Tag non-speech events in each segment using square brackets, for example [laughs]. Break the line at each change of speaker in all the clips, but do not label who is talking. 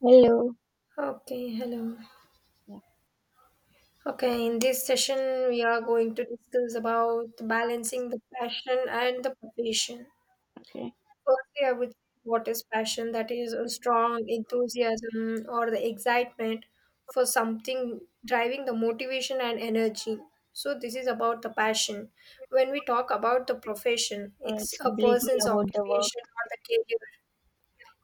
Hello.
Okay, hello.
Yeah.
Okay, in this session, we are going to discuss about balancing the passion and the passion.
Okay.
Firstly, I would what is passion? That is a strong enthusiasm or the excitement for something driving the motivation and energy. So this is about the passion. When we talk about the profession, it's
It's
a
completely
person's
about the work.
occupation or the career.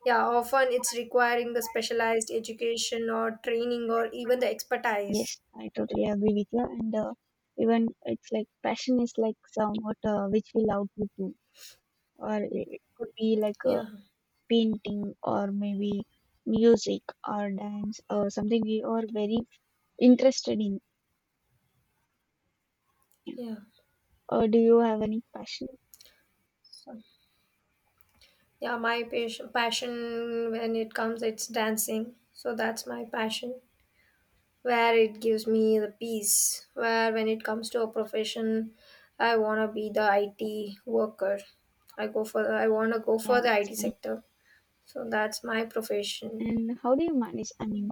Yeah, often it's requiring the specialized education or training or even the expertise.
Yes, I totally agree with you. And even it's like passion is like somewhat which we love to do, or it could be like
Yeah,
painting or maybe music or dance or something we are very interested in. Yeah.
yeah.
Or do you have any passion?
So, yeah, my passion when it comes, it's dancing. So that's my passion, where it gives me the peace. Where when it comes to a profession, I wanna be the IT worker. I wanna go
Yeah,
for the
that's
IT
nice.
sector. So that's my profession.
And how do you manage? I mean,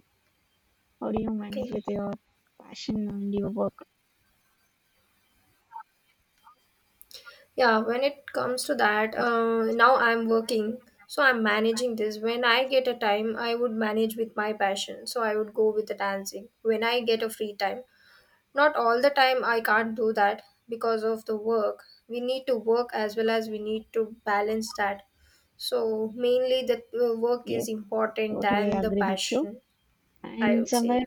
how do you manage
Okay.
with your passion and your work?
Yeah, when it comes to that, now I'm working, so I'm managing this. When I get a time, I would manage with my passion, so I would go with the dancing. When I get a free time, not all the time I can't do that because of the work. We need to work as well as we need to balance that. So mainly the work
Yes,
is important
totally
than the
agree with you.
passion, I
And
would
somewhere,
say.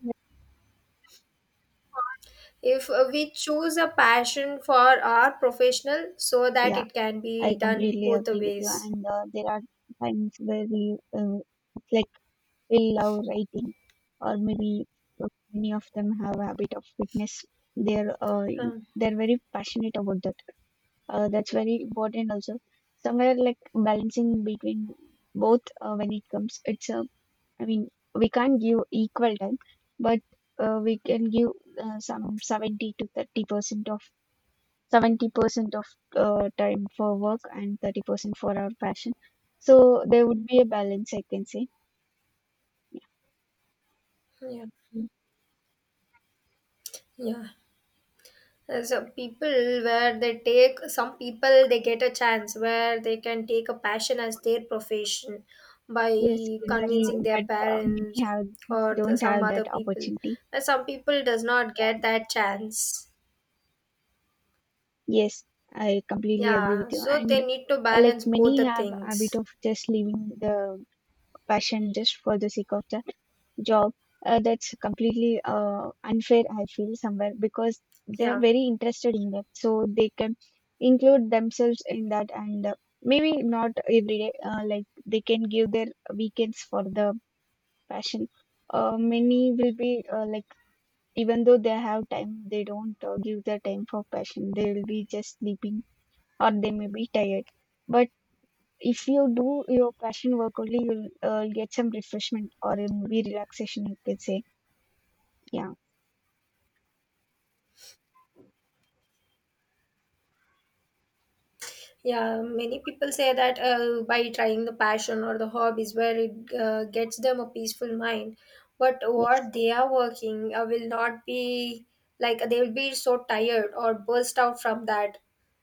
If we choose a passion for our professional, so that
yeah.
it can be
I
done
completely
both the
agree with you.
ways.
And there are times where it's like we love writing, or maybe many of them have a habit of fitness. They're uh,
Uh,
they're very passionate about that. That's very important also. Somewhere like balancing between both when it comes. It's a I mean, we can't give equal time, but we can give some 70 to 30% of 70% of time for work and 30% for our passion. So there would be a balance, I can say.
Yeah,
Yeah.
yeah. So people where they take some people they get a chance where they can take a passion as their profession by
Yes, exactly.
convincing their
But many
parents
have
or the,
don't
some
have
other
that
people.
opportunity.
And some people does not get that chance.
Yes, I completely agree with
Yeah,
you.
so
And
they need to
like
balance both
many
the
have habit
things.
of just leaving the passion just for the sake of the job that's completely unfair, I feel somewhere, because they're
Yeah.
very interested in that, so they can include themselves in that. And maybe not every day, like they can give their weekends for the passion. Many will be like, even though they have time, they don't give their time for passion. They will be just sleeping or they may be tired. But if you do your passion work only, you'll get some refreshment or maybe relaxation, you could say. Yeah.
Yeah, many people say that by trying the passion or the hobbies where it gets them a peaceful mind. But
Yes,
what they are working will not be like they will be so tired or burst out from that.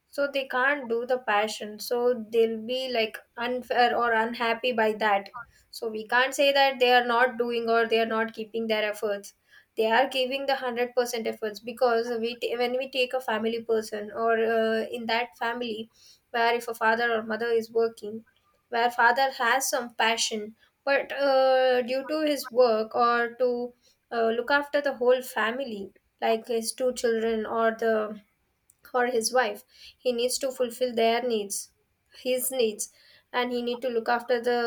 So they can't do the passion. So they'll be like unfair or unhappy by that. So we can't say that they are not doing or they are not keeping their efforts. They are giving the 100% efforts because when we take a family person or in that family where if a father or mother is working, where father has some passion, but due to his work or to look after the whole family, like his two children or the or his wife, he needs to fulfill their needs, his needs, and he need to look after the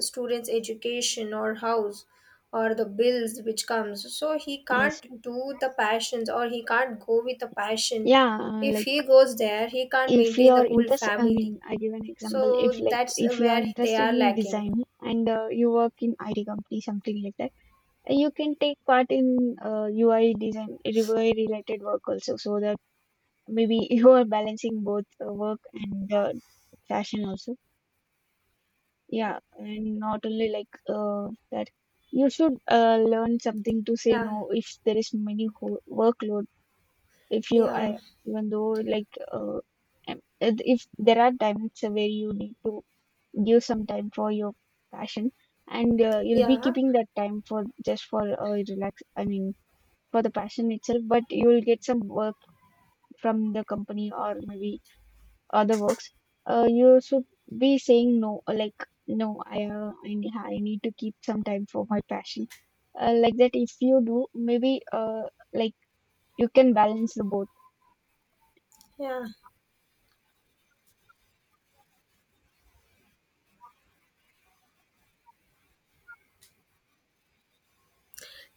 students education or house or the bills which comes, so he
yes,
can't do the passions or he can't go with the passion.
yeah.
If
Like,
he goes there he can't
if
maintain the
you're
whole
interested, I
family,
mean, I give an example. If
so
like
that's
if you're
where they
interested
are
in
lacking.
design, and you work in IT company, something like that, and you can take part in UI design, UI related work also, so that maybe [laughs] you are balancing both work and fashion also. Yeah, and not only like that. You should learn something to say
yeah
no if there is many workload. If you I
yeah
Even though like if there are times where you need to give some time for your passion, and you'll be
yeah
keeping that time for just for relax, I mean, for the passion itself. But you will get some work from the company or maybe other works. You should be saying no. Like, no, I need to keep some time for my passion. Like that, if you do, maybe like, you can balance the both.
yeah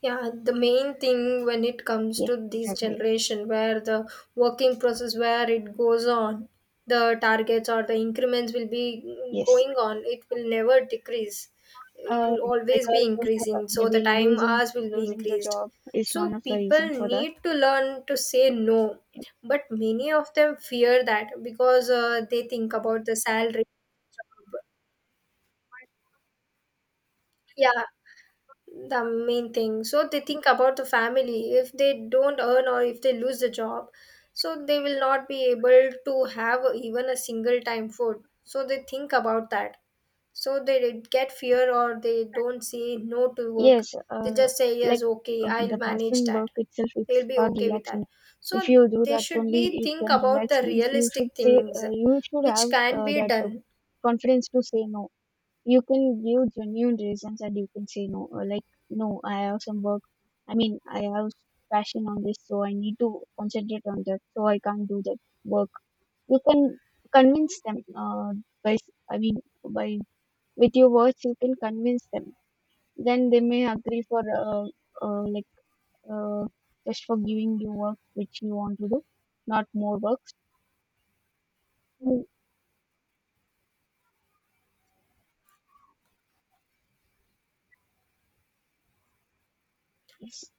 Yeah, the main thing when it comes
Yes,
to this
exactly.
generation, where the working process, where it goes on, the targets or the increments will be
Yes.
going on. It will never decrease. It
Uh,
will always be
because of
increasing. So the
maybe
time hours will be
losing the
increased.
job is one
So
of the
people
reason for that.
need to learn to say no, but many of them fear that because they think about the salary. Yeah, the main thing, so they think about the family if they don't earn or if they lose the job, so they will not be able to have even a single time food, so they think about that, so they get fear or they don't say no to work.
Yes,
They just say
like,
yes, okay, I'll
the
manage
passion
that.
work itself,
They'll
it's
be
about
okay with that.
relaxing. If
So
you do
they
that
should be
only, you
think
can
about
relax.
the
Means you should
realistic
say
things
uh, you should
which
have
can be
that
done.
confidence to say no. You can give genuine reasons and you can say no. Like, no, I have some work. I mean, I have passion on this, so I need to concentrate on that. So I can't do that work. You can convince them uh, I mean, by, with your words, you can convince them. Then they may agree for like, uh, just for giving you work which you want to do, not more works. Mm, yes.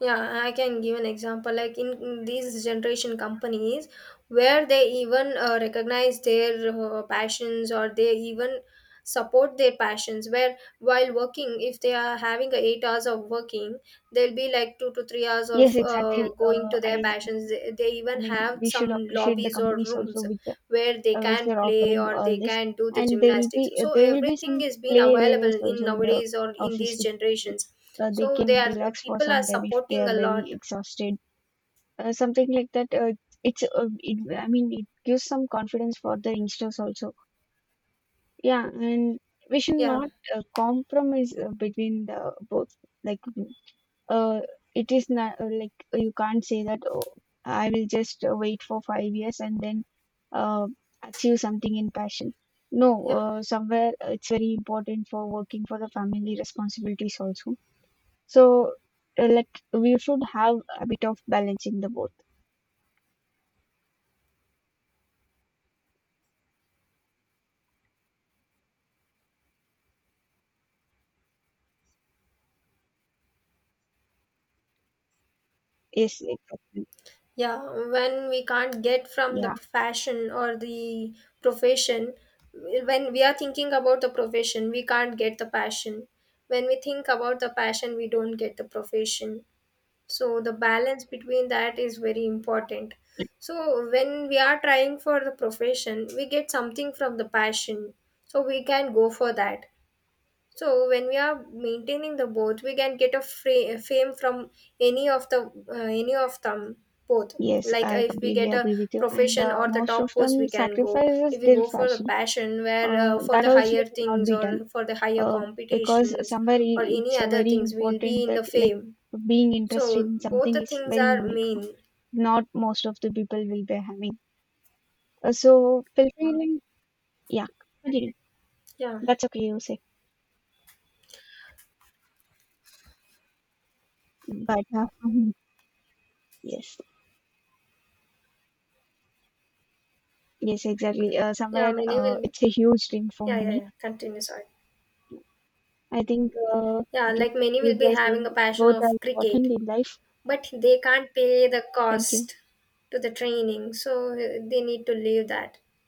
Yeah, I can give an example. Like in these generation companies, where they even recognize their passions or they even support their passions. Where while working, if they are having a 8 hours of working, they'll be like 2 to 3 hours
Yes,
of
exactly.
going
uh,
to
i
their passions. They
I
even
mean,
have
we should
some
appreciate the
lobbies or
companies also
rooms
which
where they can
are
play
offering
or
all
they
this.
can do the
And there will be
gymnastics, so
some
everything is being
play areas
available in
also in the
nowadays or in
office
these
which,
generations,
they
so
can
they are
relax for
people are
some time if they
supporting
are
a
very
lot.
exhausted. Something like that. I mean, it gives some confidence for the youngsters also. Yeah, and we should
yeah
not compromise between the both. Like, uh, it is not like, you can't say that, oh, I will just wait for 5 years and then uh, achieve something in passion. No,
yeah
somewhere it's very important for working for the family responsibilities also. So let we should have a bit of balance in the both. Yes, exactly.
yeah when we can't get from the
Yeah,
fashion or the profession, when we are thinking about the profession we can't get the passion, when we think about the passion we don't get the profession, so the balance between that is very important. So when we are trying for the profession we get something from the passion, so we can go for that. So when we are maintaining the both we can get a fame from any of the any of them, both.
yes,
Like
I
if we
completely
get a
agree with you. And
profession
uh,
or the
most of
top post we
them
can go,
sacrifices
if we
their
go for the
fashion.
passion where for
That
the
also
higher
should not
things
be done.
or for the higher
Uh, because
competitions
somewhere,
or
it's
any other
very
things we will be
important
in
that,
the
like,
fame,
being interested
so
in
both
something
the
is
things
very
are
unique.
main.
Not most of the people will be having. So fulfilling, yeah, continue.
Yeah.
That's okay, you say. But [laughs] Mhm. Yes, yes, exactly.
Yeah,
Somewhere
many will.
it's a huge dream for
Yeah, yeah,
many.
yeah. Continue. Sorry.
I think we
Yeah,
can
like many will
conclude
be
by
having a
saying
passion
both are
of
important
cricket,
in life.
but they can't pay the
Thank you.
cost to the training, so they need to leave that.